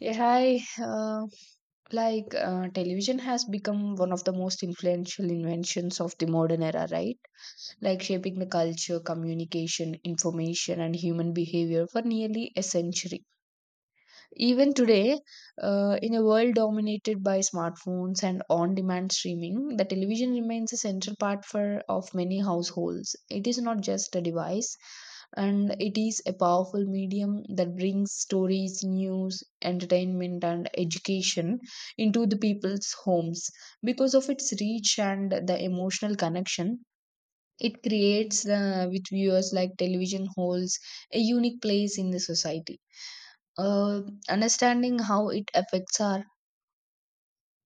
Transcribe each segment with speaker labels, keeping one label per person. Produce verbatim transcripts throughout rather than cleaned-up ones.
Speaker 1: Yeah, I uh, like uh, television has become one of the most influential inventions of the modern era, right? Like shaping the culture, communication, information, and human behavior for nearly a century. Even today, uh, in a world dominated by smartphones and on-demand streaming, the television remains a central part for of many households. It is not just a device, and it is a powerful medium that brings stories, news, entertainment, and education into the people's homes. Because of its reach and the emotional connection it creates uh, with viewers, like television holds a unique place in the society. uh, Understanding how it affects our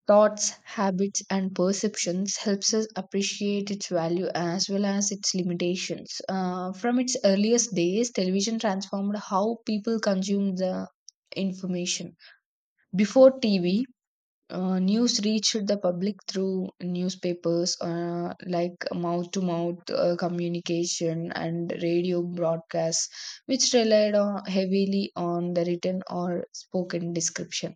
Speaker 1: thoughts, habits, and perceptions helps us appreciate its value as well as its limitations. Uh, from its earliest days, television transformed how people consume the information. Before T V, uh, news reached the public through newspapers, uh, like mouth to mouth communication and radio broadcasts, which relied on, heavily on the written or spoken description.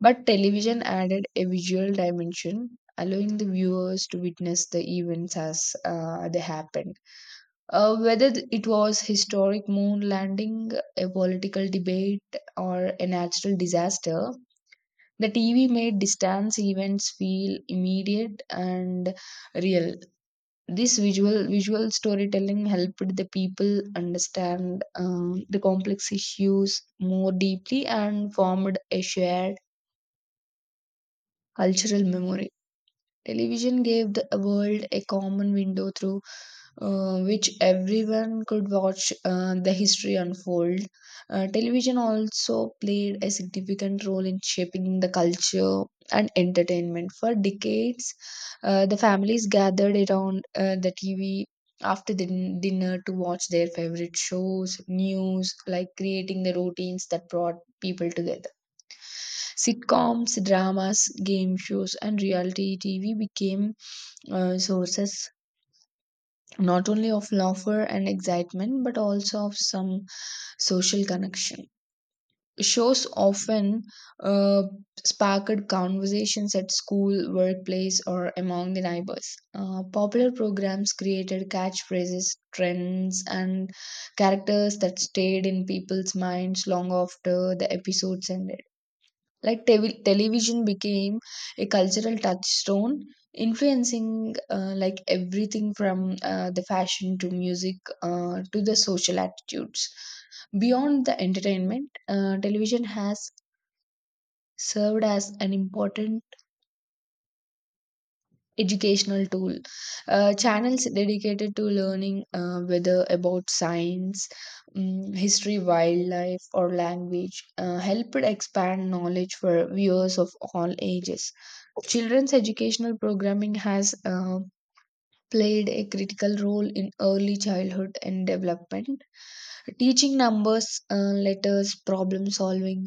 Speaker 1: But television added a visual dimension, allowing the viewers to witness the events as uh, they happened. Uh, whether th- it was historic moon landing, a political debate, or a natural disaster, the T V made distance events feel immediate and real. This visual visual storytelling helped the people understand um, the complex issues more deeply and formed a shared cultural memory. Television gave the world a common window through uh, which everyone could watch uh, the history unfold. Uh, television also played a significant role in shaping the culture and entertainment. For decades, uh, the families gathered around uh, the T V after the din- dinner to watch their favorite shows, news, like creating the routines that brought people together. Sitcoms, dramas, game shows, and reality T V became uh, sources not only of laughter and excitement but also of some social connection. Shows often uh, sparked conversations at school, workplace, or among the neighbors. Uh, popular programs created catchphrases, trends, and characters that stayed in people's minds long after the episodes ended. Like tevi- television became a cultural touchstone, influencing uh, like everything from uh, the fashion to music uh, to the social attitudes. Beyond the entertainment, uh, television has served as an important educational tool. Uh, channels dedicated to learning, uh, whether about science, um, history, wildlife, or language, uh, helped expand knowledge for viewers of all ages. Children's educational programming has uh, played a critical role in early childhood and development, teaching numbers, uh, letters, problem solving,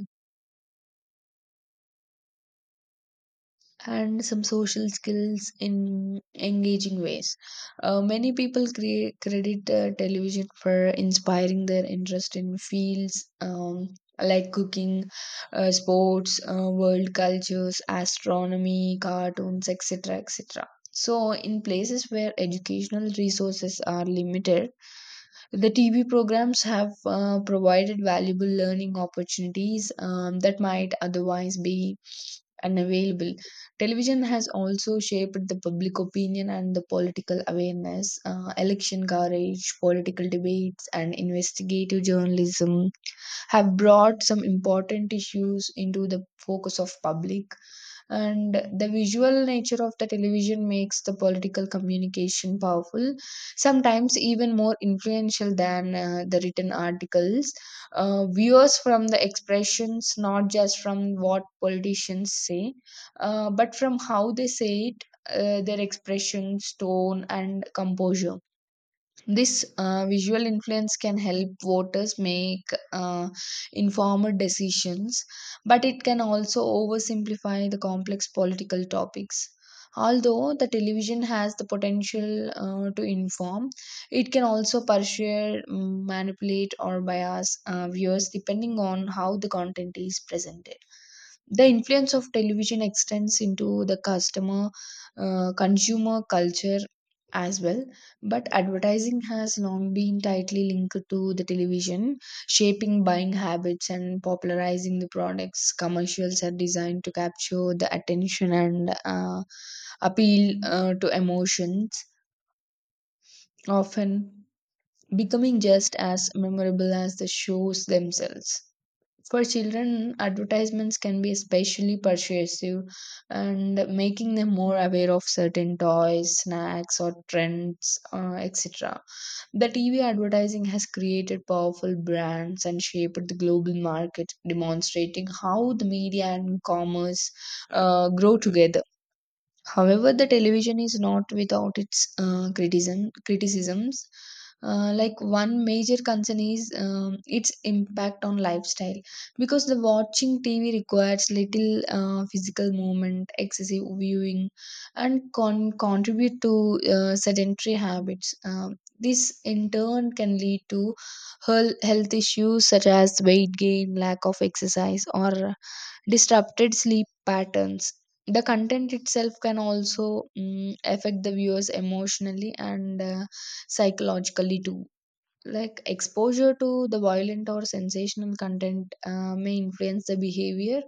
Speaker 1: and some social skills in engaging ways. Uh, many people create, credit uh, television for inspiring their interest in fields, um, like cooking, uh, sports, uh, world cultures, astronomy, cartoons, et cetera et cetera. So, in places where educational resources are limited, the T V programs have uh, provided valuable learning opportunities um, that might otherwise be unavailable. Television has also shaped the public opinion and the political awareness. Uh, election coverage, political debates, and investigative journalism have brought some important issues into the focus of public. And the visual nature of the television makes the political communication powerful, sometimes even more influential than uh, the written articles. Uh, viewers from the expressions not just from what politicians say, uh, but from how they say it, uh, their expressions, tone, and composure. This uh, visual influence can help voters make uh, informed decisions, but it can also oversimplify the complex political topics. Although the television has the potential uh, to inform, it can also persuade, mm, manipulate, or bias uh, viewers depending on how the content is presented. The influence of television extends into the customer, uh, consumer culture as well. But advertising has long been tightly linked to the television, shaping buying habits and popularizing the products. Commercials are designed to capture the attention and uh, appeal uh, to emotions, often becoming just as memorable as the shows themselves. For children, advertisements can be especially persuasive and making them more aware of certain toys, snacks, or trends, uh, et cetera. The T V advertising has created powerful brands and shaped the global market, demonstrating how the media and commerce uh, grow together. However, the television is not without its uh, criticism criticisms. Uh, like one major concern is um, its impact on lifestyle because the watching T V requires little uh, physical movement. Excessive viewing, and con- contribute to uh, sedentary habits. Um, this in turn can lead to heal- health issues such as weight gain, lack of exercise, or disrupted sleep patterns. The content itself can also mm, affect the viewers emotionally and uh, psychologically too, like exposure to the violent or sensational content uh, may influence the behavior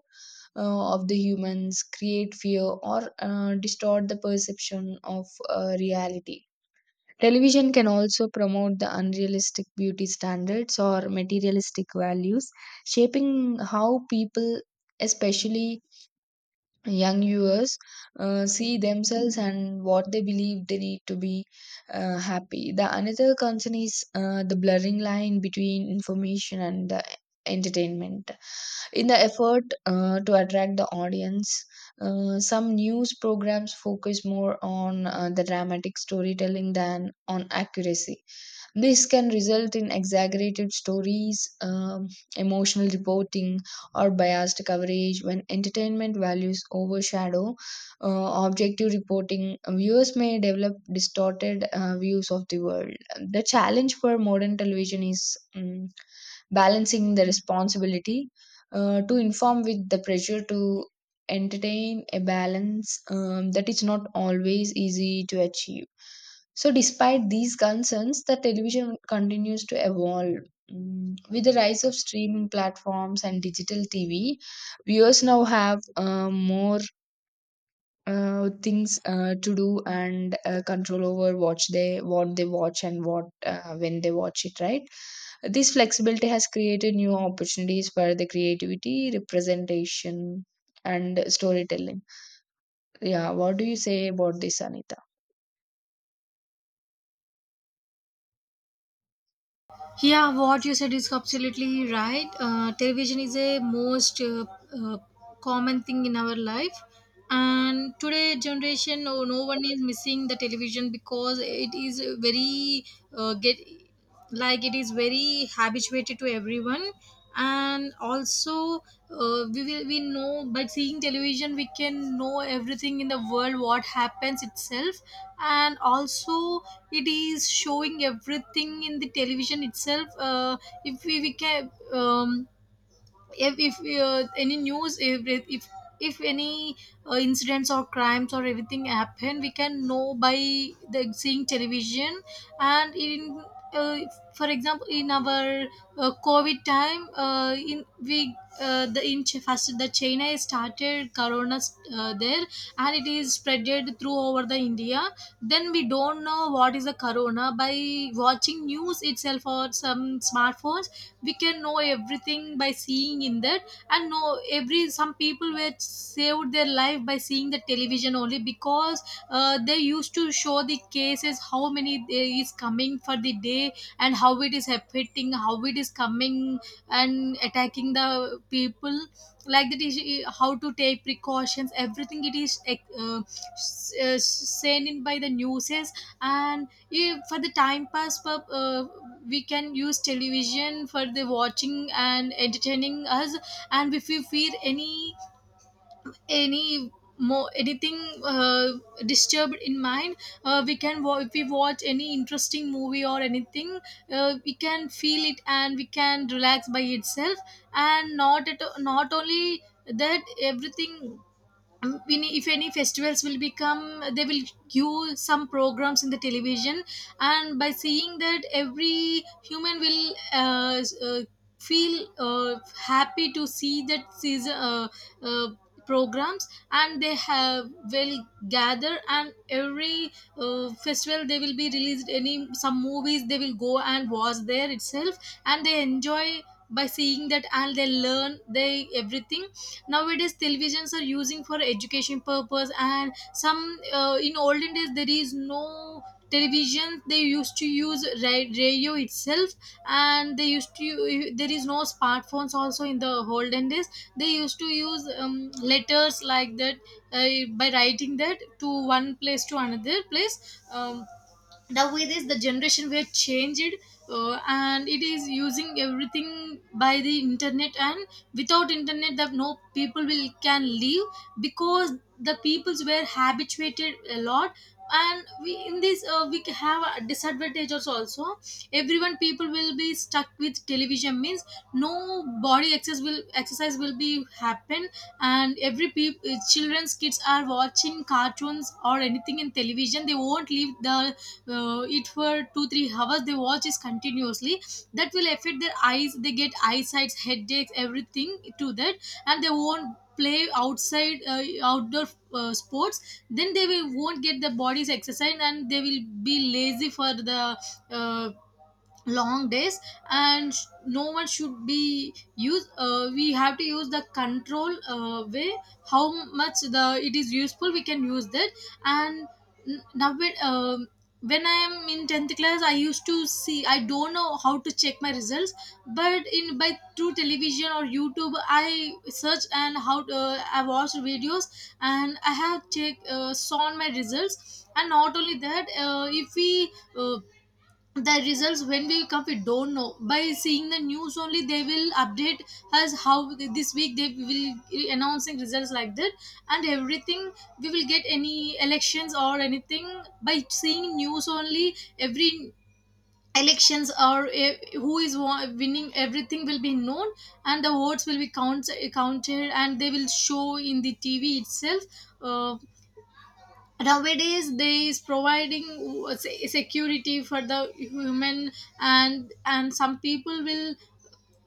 Speaker 1: uh, of the humans, create fear or uh, distort the perception of uh, reality. Television can also promote the unrealistic beauty standards or materialistic values, shaping how people, especially young viewers, uh, see themselves and what they believe they need to be uh, happy. The another concern is uh, the blurring line between information and the entertainment. In the effort uh, to attract the audience, uh, some news programs focus more on uh, the dramatic storytelling than on accuracy. This can result in exaggerated stories, um, emotional reporting, or biased coverage. When entertainment values overshadow uh, objective reporting, uh, viewers may develop distorted uh, views of the world. The challenge for modern television is um, balancing the responsibility uh, to inform with the pressure to entertain, a balance um, that is not always easy to achieve. So, despite these concerns, the television continues to evolve. Mm, With the rise of streaming platforms and digital T V, viewers now have uh, more uh, things uh, to do and uh, control over what they what they watch and what uh, when they watch it. Right, this flexibility has created new opportunities for the creativity, representation, and storytelling. Yeah, what do you say about this, Anita?
Speaker 2: Yeah, what you said is absolutely right. Uh, television is a most uh, uh, common thing in our life, and today generation, oh, no one is missing the television because it is very uh, get like it is very habituated to everyone, and also uh, we will we know by seeing television we can know everything in the world what happens itself, and also it is showing everything in the television itself uh, if we, we can um, if if uh, any news if if if any uh, incidents or crimes or everything happen we can know by the seeing television and in uh, for example in our uh, covid time uh, in we uh, the in Ch- first the china started corona uh, there, and it is spreaded through over the india. Then we don't know what is the corona by watching news itself or some smartphones. We can know everything by seeing in that, and know every some people were saved their life by seeing the television only because uh, they used to show the cases how many there is coming for the day, and how it is affecting, how it is coming and attacking the people, like that is uh, how to take precautions. Everything it is uh, uh, s- uh, sent in by the newses. And yeah, for the time pass pur- uh, we can use television for the watching and entertaining us. And if we feel any any more anything uh, disturbed in mind, uh, we can wa- if we watch any interesting movie or anything, uh, we can feel it and we can relax by itself. And not at not only that everything, um, when- if any festivals will become, they will give some programs in the television. And by seeing that, every human will uh, s- uh, feel uh, happy to see that season uh, uh, programs, and they have will gather. And every uh, festival they will be released any some movies, they will go and watch there itself, and they enjoy by seeing that. And they learn they everything. Nowadays televisions are using for education purpose, and some uh, in olden days there is no television, they used to use ra- radio itself. And they used to, there is no smartphones also in the olden days, they used to use um, letters like that, uh, by writing that to one place to another place. um, the way this the generation were changed, uh, and it is using everything by the internet. And without internet that no people will can live because the peoples were habituated a lot. And we in this, uh, we have a disadvantages also. Everyone people will be stuck with television means no body access will exercise will be happen. And every people children's kids are watching cartoons or anything in television, they won't leave the uh, it for two three hours they watch is continuously. That will affect their eyes, they get eyesight headaches everything to that. And they won't play outside uh, outdoor uh, sports, then they will, won't get the body's exercise, and they will be lazy for the uh, long days. And sh- no one should be use, uh, we have to use the control uh, way, how much the it is useful we can use that. And n- now when, um when I am in tenth class I used to see, I don't know how to check my results, but in by through television or youtube I search and how to, uh, I watched videos, and I have check uh, saw my results. And not only that, uh, if we uh, the results when will come we don't know, by seeing the news only they will update us how this week they will announcing results like that. And everything, we will get any elections or anything by seeing news only. Every elections or eh, who is wa- winning everything will be known. And the votes will be count, counted and they will show in the tv itself. Uh, Nowadays they is providing uh, se- security for the human. And and some people will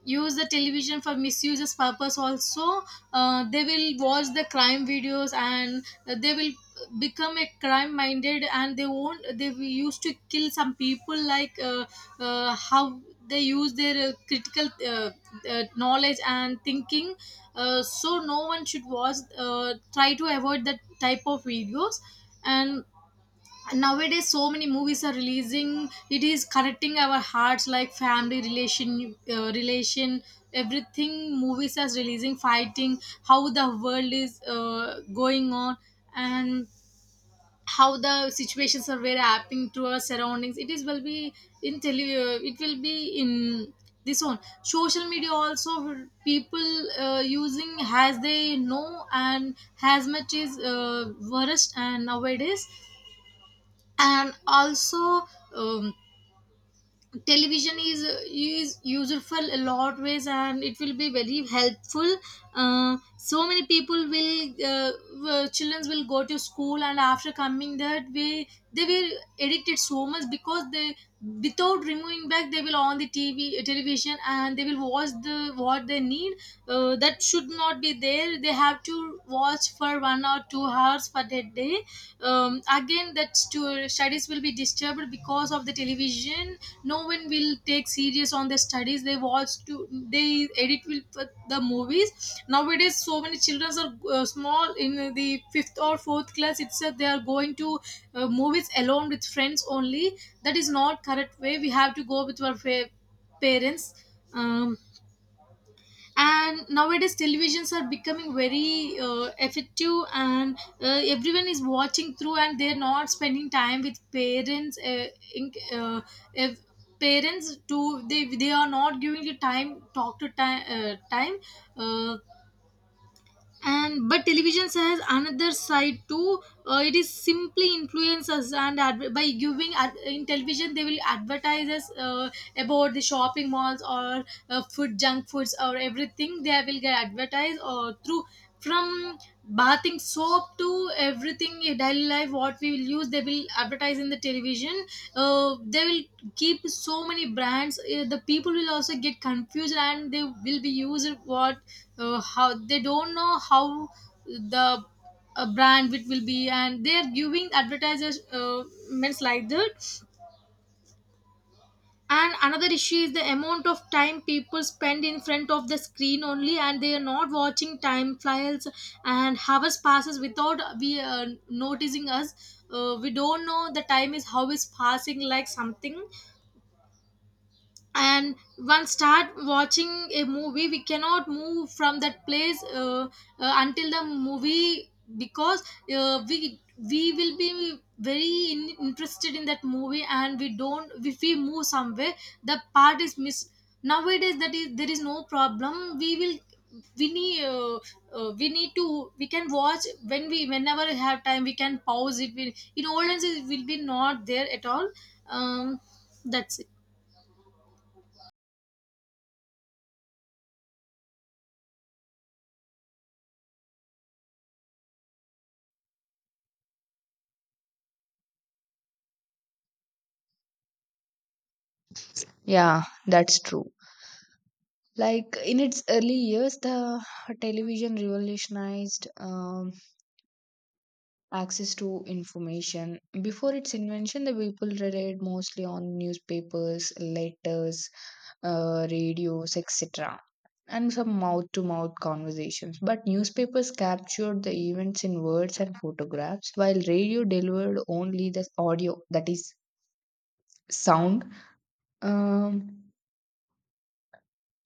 Speaker 2: use the television for misuses purpose also. Uh, they will watch the crime videos, and they will become a crime minded, and they won't they will used to kill some people like uh, uh, how they use their uh, critical uh, uh, knowledge and thinking. Uh, so no one should watch, uh, try to avoid that type of videos. And nowadays so many movies are releasing, it is connecting our hearts like family relation uh, relation. Everything movies are releasing, fighting, how the world is uh, going on. And how the situations are very happening to our surroundings, it is will be in tele- uh, it will be in this one social media also. People uh, using as they know, and as much is uh, worst. And nowadays and also, um, television is is useful a lot ways, and it will be very helpful. Uh, so many people will uh, uh, children will go to school, and after coming that way they were addicted so much, because they without removing back they will on the tv television, and they will watch the what they need. Uh, that should not be there, they have to watch for one or two hours for that day. Um, again that stu- studies will be disturbed because of the television, no one will take serious on their studies, they watch to they edit will put the movies. Nowadays so many children are uh, small in the fifth or fourth class itself, they are going to uh, movies alone with friends only. That is not correct way, we have to go with our fa- parents. um, and nowadays televisions are becoming very uh, effective, and uh, everyone is watching through and they're not spending time with parents. uh, in, uh, if parents to they they are not giving the time talk to time uh, time. uh, and but television has another side too. Uh, it is simply influences and adver- by giving ad- in television they will advertise us uh, about the shopping malls, or uh, food, junk foods or everything they will get advertised, or through from bathing soap to everything in daily life what we will use, they will advertise in the television. Uh, they will keep so many brands, uh, the people will also get confused, and they will be used what, uh, how they don't know how the uh, brand it will be, and they are giving advertisers uh, means like that. And another issue is the amount of time people spend in front of the screen only, and they are not watching, time flies and hours passes without we uh, noticing us. Uh, we don't know the time is how is passing like something. And once start watching a movie we cannot move from that place uh, uh, until the movie, because uh, we we will be very in, interested in that movie, and we don't if we move somewhere the part is missed. Nowadays that is there is no problem, we will we need uh, uh, we need to we can watch when we whenever we have time we can pause it we, in old times it will be not there at all. um, that's it.
Speaker 1: Yeah, that's true. Like in its early years, the television revolutionized um, access to information. Before its invention, the people relied mostly on newspapers, letters, uh, radios, et cetera, and some mouth to mouth conversations. But newspapers captured the events in words and photographs, while radio delivered only the audio, that is, sound. Um,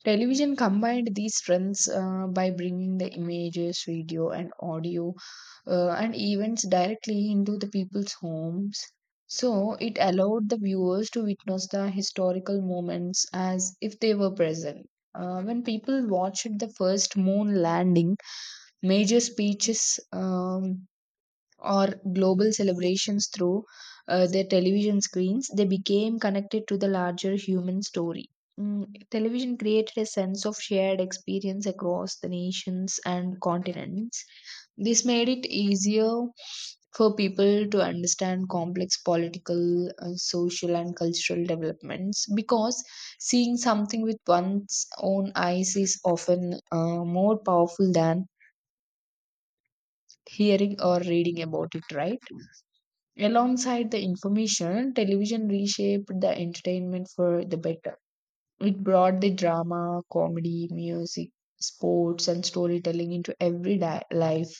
Speaker 1: Television combined these strengths uh, by bringing the images, video, and audio uh, and events directly into the people's homes. So it allowed the viewers to witness the historical moments as if they were present. Uh, when people watched the first moon landing, major speeches, um, or global celebrations through uh, their television screens, they became connected to the larger human story. Mm, television created a sense of shared experience across the nations and continents. This made it easier for people to understand complex political, uh, social, and cultural developments because seeing something with one's own eyes is often uh, more powerful than hearing or reading about it, right? Alongside the information, television reshaped the entertainment for the better. It brought the drama, comedy, music, sports, and storytelling into every di- life.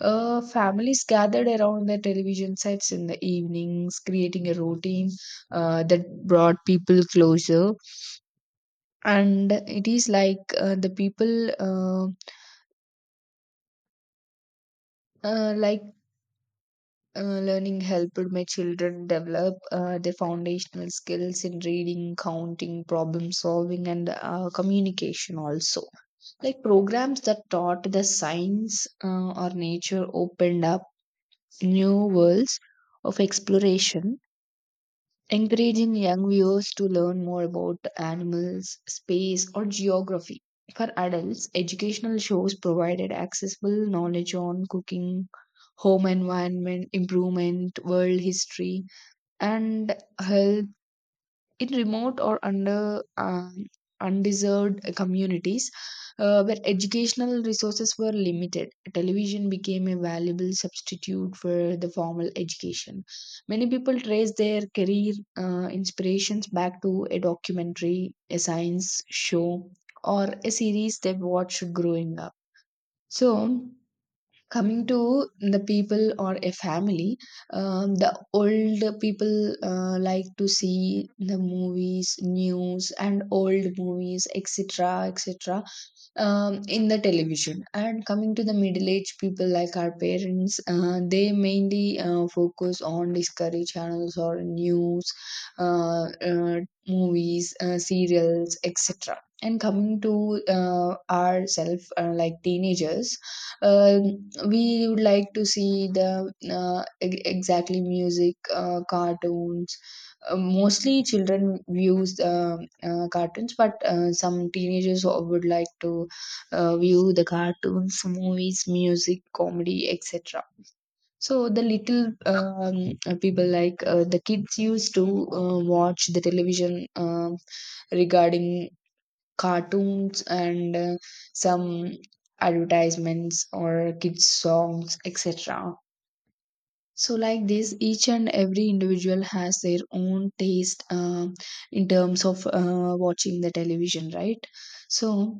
Speaker 1: Uh, families gathered around the television sets in the evenings, creating a routine uh, that brought people closer. And it is like uh, the people uh, uh, like Uh, learning helped my children develop uh, their foundational skills in reading, counting, problem solving, and uh, communication also. Like programs that taught the science uh, or nature opened up new worlds of exploration, encouraging young viewers to learn more about animals, space, or geography. For adults, educational shows provided accessible knowledge on cooking, home environment improvement, world history, and health in remote or under uh, undeserved communities uh, where educational resources were limited. Television became a valuable substitute for the formal education. Many people trace their career uh, inspirations back to a documentary, a science show, or a series they watched growing up. So, coming to the people or a family, um, the old people uh, like to see the movies, news, and old movies, et cetera etc um, in the television. And coming to the middle aged people like our parents, uh, they mainly uh, focus on discovery channels or news, uh, uh, movies, uh, serials, et cetera. And coming to uh, ourselves, uh, like teenagers, um we would like to see the uh, e- exactly music, uh, cartoons. Uh, mostly children views uh, uh, cartoons, but uh, some teenagers would like to uh, view the cartoons, movies, music, comedy, et cetera. So the little um, uh, people like uh, the kids used to uh, watch the television um regarding cartoons and uh, some advertisements or kids songs, et cetera. So, like this, each and every individual has their own taste uh, in terms of uh, watching the television, right? So,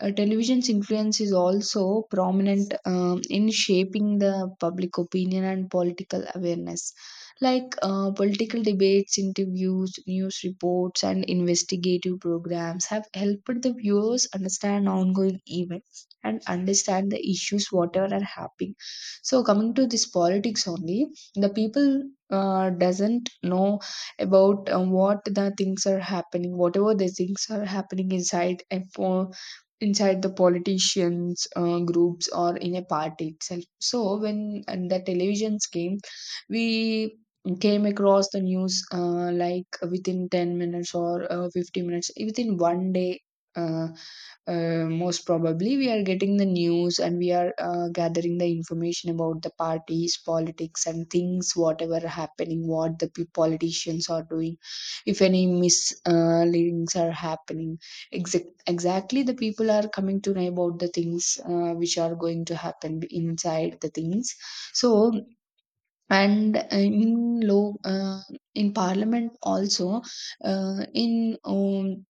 Speaker 1: uh, television's influence is also prominent um, in shaping the public opinion and political awareness. Like uh, political debates, interviews, news reports, and investigative programs have helped the viewers understand ongoing events and understand the issues, whatever are happening. So coming to this politics only, the people uh, doesn't know about uh, what the things are happening, whatever the things are happening inside a po, inside the politicians uh, groups or in a party itself. So when and the televisions came, we came across the news uh, like within ten minutes or uh, fifty minutes within one day, uh, uh, most probably we are getting the news and we are uh, gathering the information about the parties, politics, and things, whatever are happening, what the pe- politicians are doing. If any misleadings are happening, exact, exactly the people are coming to know about the things uh, which are going to happen inside the things. So, and uh, in low uh, in parliament also, uh, in um,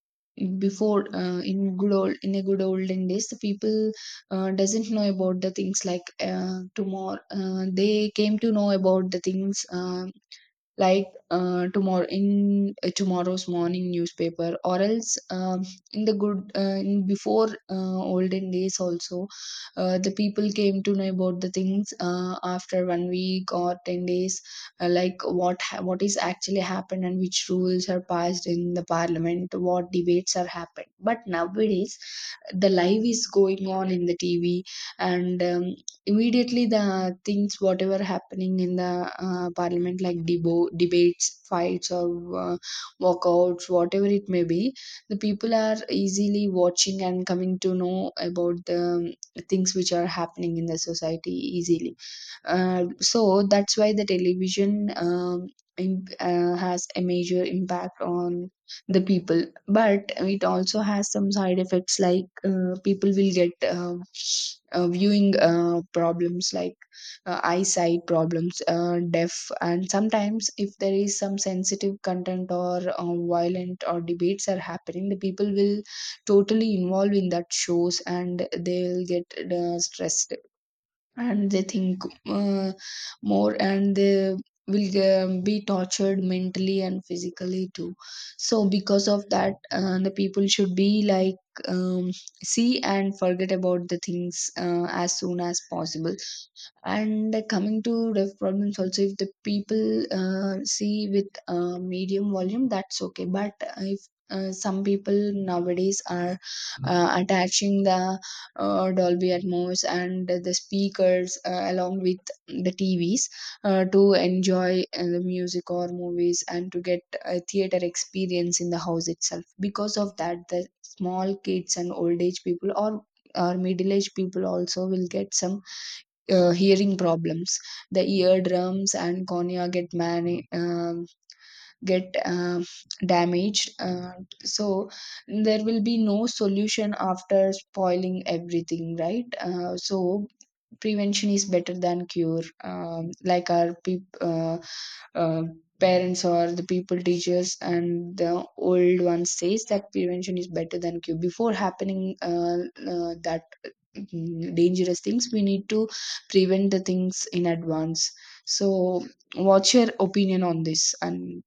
Speaker 1: before uh, in good old in a good olden days, the people uh, doesn't know about the things, like uh, tomorrow uh, they came to know about the things uh, like uh, tomorrow in uh, tomorrow's morning newspaper, or else um, in the good uh, in before uh, olden days also, uh, the people came to know about the things uh, after one week or ten days, uh, like what ha- what is actually happened, and which rules are passed in the parliament, what debates are happened. But nowadays the live is going on in the TV, and um, immediately the things whatever happening in the uh, parliament, like debo- debates, fights, or uh, walkouts, whatever it may be, the people are easily watching and coming to know about the um, things which are happening in the society easily. Uh, so that's why the television um, im- uh, has a major impact on the people. But it also has some side effects, like uh, people will get uh, uh, viewing uh, problems like uh, eyesight problems, uh, deaf. And sometimes if there is some sensitive content or uh, violent or debates are happening, the people will totally involve in that shows and they'll get uh, stressed and they think uh, more and they will ge- be tortured mentally and physically too. So because of that, uh, the people should be like, um, see and forget about the things uh, as soon as possible. And uh, coming to deaf problems also, if the people uh, see with uh, medium volume, that's okay. But if uh, some people nowadays are uh, attaching the uh, Dolby Atmos and the speakers uh, along with the T Vs uh, to enjoy uh, the music or movies and to get a theater experience in the house itself. Because of that, the small kids and old age people or or middle aged people also will get some uh, hearing problems. The eardrums and cornea get man- get um damaged. Uh, so there will be no solution after spoiling everything, right? Uh, so prevention is better than cure, um, like our peop- uh, uh, parents or the people, teachers, and the old ones says that prevention is better than cure. Before happening uh, uh, that mm, dangerous things, we need to prevent the things in advance. So what's your opinion on this and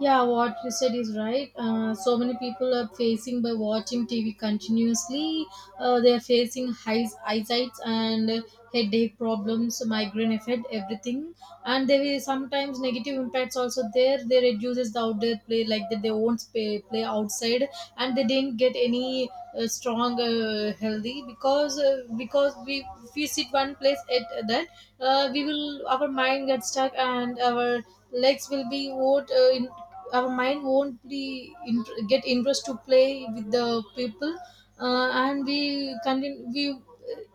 Speaker 2: Yeah, what you said is right. Uh, so many people are facing by watching T V continuously. Uh, they are facing high eyesight and headache problems, migraine effect, everything. And there is sometimes negative impacts also there. They reduces the outdoor play like that. They won't play, play outside, and they didn't get any uh, strong, uh, healthy, because uh, because we, if we sit one place at that, uh, we will, our mind gets stuck, and our legs will be what, uh, in, our mind won't be int- get interest to play with the people. Uh, and we continue we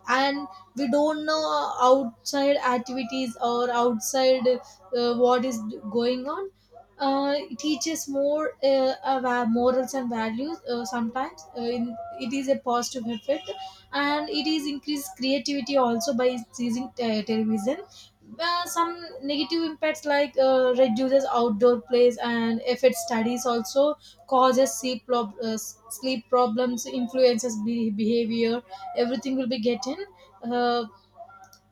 Speaker 2: and we don't know outside activities or outside, uh, what is going on. Uh, it teaches more uh, ava- morals and values. Uh, sometimes uh, in, it is a positive effect, and it is increased creativity also by using te- television. Uh, some negative impacts, like uh, reduces outdoor plays and affects studies also, causes sleep, prob- uh, sleep problems, influences be- behavior. Everything will be getting. uh,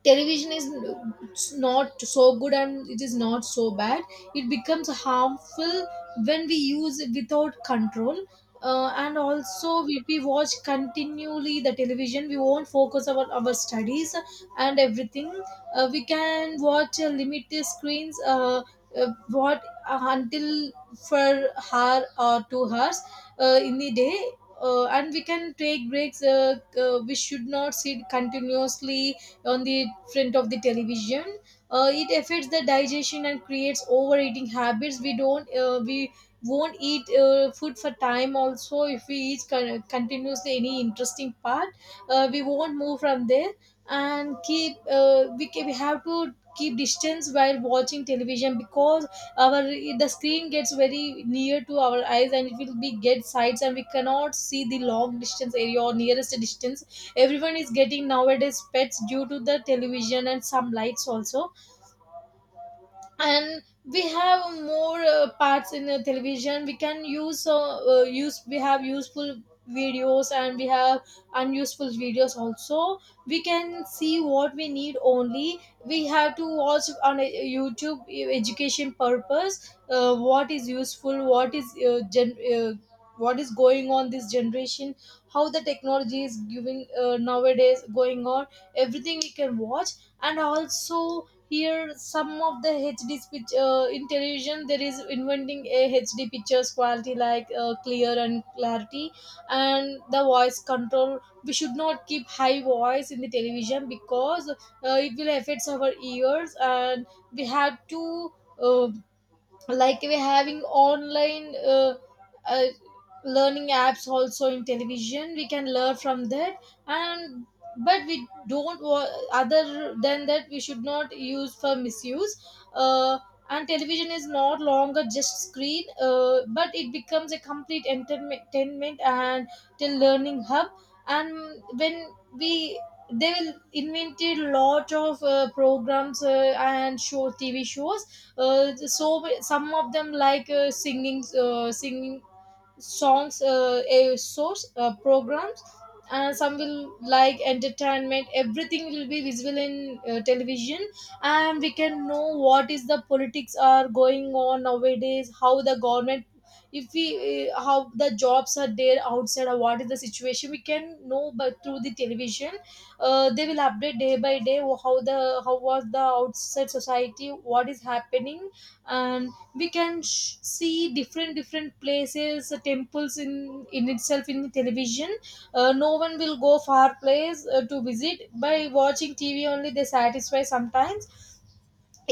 Speaker 2: Television is n- not so good, and it is not so bad. It becomes harmful when we use it without control. Uh, and also, if we watch continually the television, we won't focus on our studies and everything. Uh, we can watch uh, limited screens, uh, uh, what uh, until for hour or two hours uh, in the day. Uh, and we can take breaks. Uh, uh, we should not sit continuously on the front of the television. Uh, it affects the digestion and creates overeating habits. We don't uh, we won't eat uh, food for time also. If we eat con- continuously any interesting part, uh, we won't move from there. And keep, uh, we, ca- we have to keep distance while watching television, because our the screen gets very near to our eyes and it will be get sights, and we cannot see the long distance area or nearest distance. Everyone is getting nowadays pets due to the television, and some lights also. And we have more uh, parts in the television we can use, uh, uh, use we have useful videos, and we have unuseful videos also. We can see what we need only. We have to watch on a YouTube, uh, education purpose. Uh, what is useful, what is uh, gen- uh, what is going on this generation, how the technology is giving uh, nowadays going on. Everything we can watch. And also, here some of the H D pitch, uh, in television there is inventing a H D pictures quality, like uh, clear and clarity, and the voice control. We should not keep high voice in the television because uh, it will affect our ears, and we have to, uh, like we're having online, uh, uh, learning apps also in television we can learn from that. And but we don't wa- other than that, we should not use for misuse. Uh, and television is not longer just screen, uh, but it becomes a complete entertainment and till learning hub. And when we, they will invented lot of uh, programs uh, and show T V shows. Uh, so some of them like uh, singing uh, singing songs, uh, a source uh, programs, and some will like entertainment. Everything will be visible in uh, television, and we can know what is the politics are going on nowadays, how the government, if we, uh, how the jobs are there outside or what is the situation we can know but through the television. Uh, they will update day by day how the how was the outside society, what is happening. And we can sh- see different different places, uh, temples in in itself in television. Uh, no one will go far place uh, to visit. By watching T V only, they satisfy sometimes.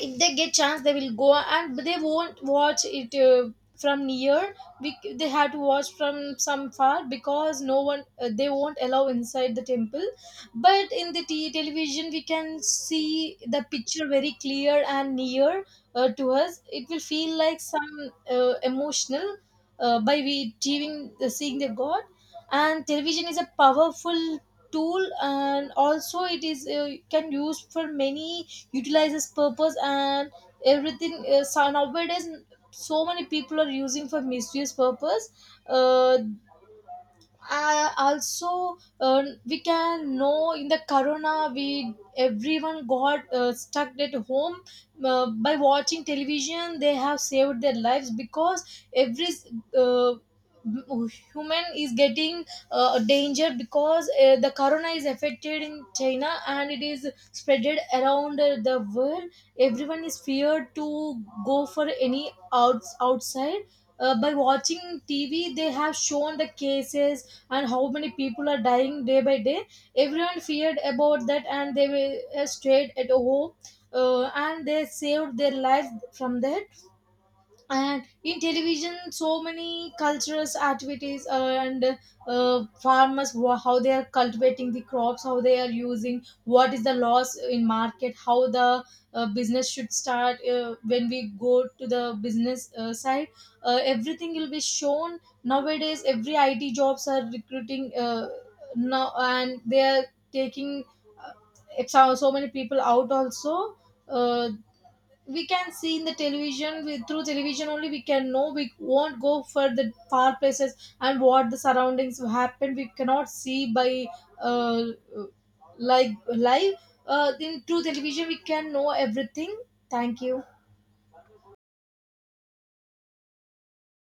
Speaker 2: If they get chance they will go, and but they won't watch it uh, from near. We, they have to watch from some far, because no one, uh, they won't allow inside the temple. But in the t- television we can see the picture very clear and near uh, to us. It will feel like some uh, emotional, uh, by we seeing the seeing the god. And television is a powerful tool, and also it is, uh, can use for many utilizes purpose. And everything is so nowadays, so many people are using for misuse purpose. Uh, uh, also uh, we can know in the corona, we everyone got uh, stuck at home. Uh, by watching television, they have saved their lives, because every, uh, human is getting uh, danger, because uh, the corona is affected in China and it is spreaded around uh, the world. Everyone is feared to go for any outs outside. Uh, by watching T V they have shown the cases, and how many people are dying day by day. Everyone feared about that, and they were uh, stayed at home. Uh, and they saved their lives from that. And in television so many cultural activities, uh, and uh, farmers, wha- how they are cultivating the crops, how they are using, what is the loss in market, how the uh, business should start. Uh, when we go to the business uh, side, uh, everything will be shown nowadays. Every it jobs are recruiting uh, now, and they are taking, uh, it's how so many people out also. Uh, we can see in the television. We, through television only we can know. We won't go for the far places, and what the surroundings happen we cannot see by, uh, like live. Uh, in Through television we can know everything. Thank you.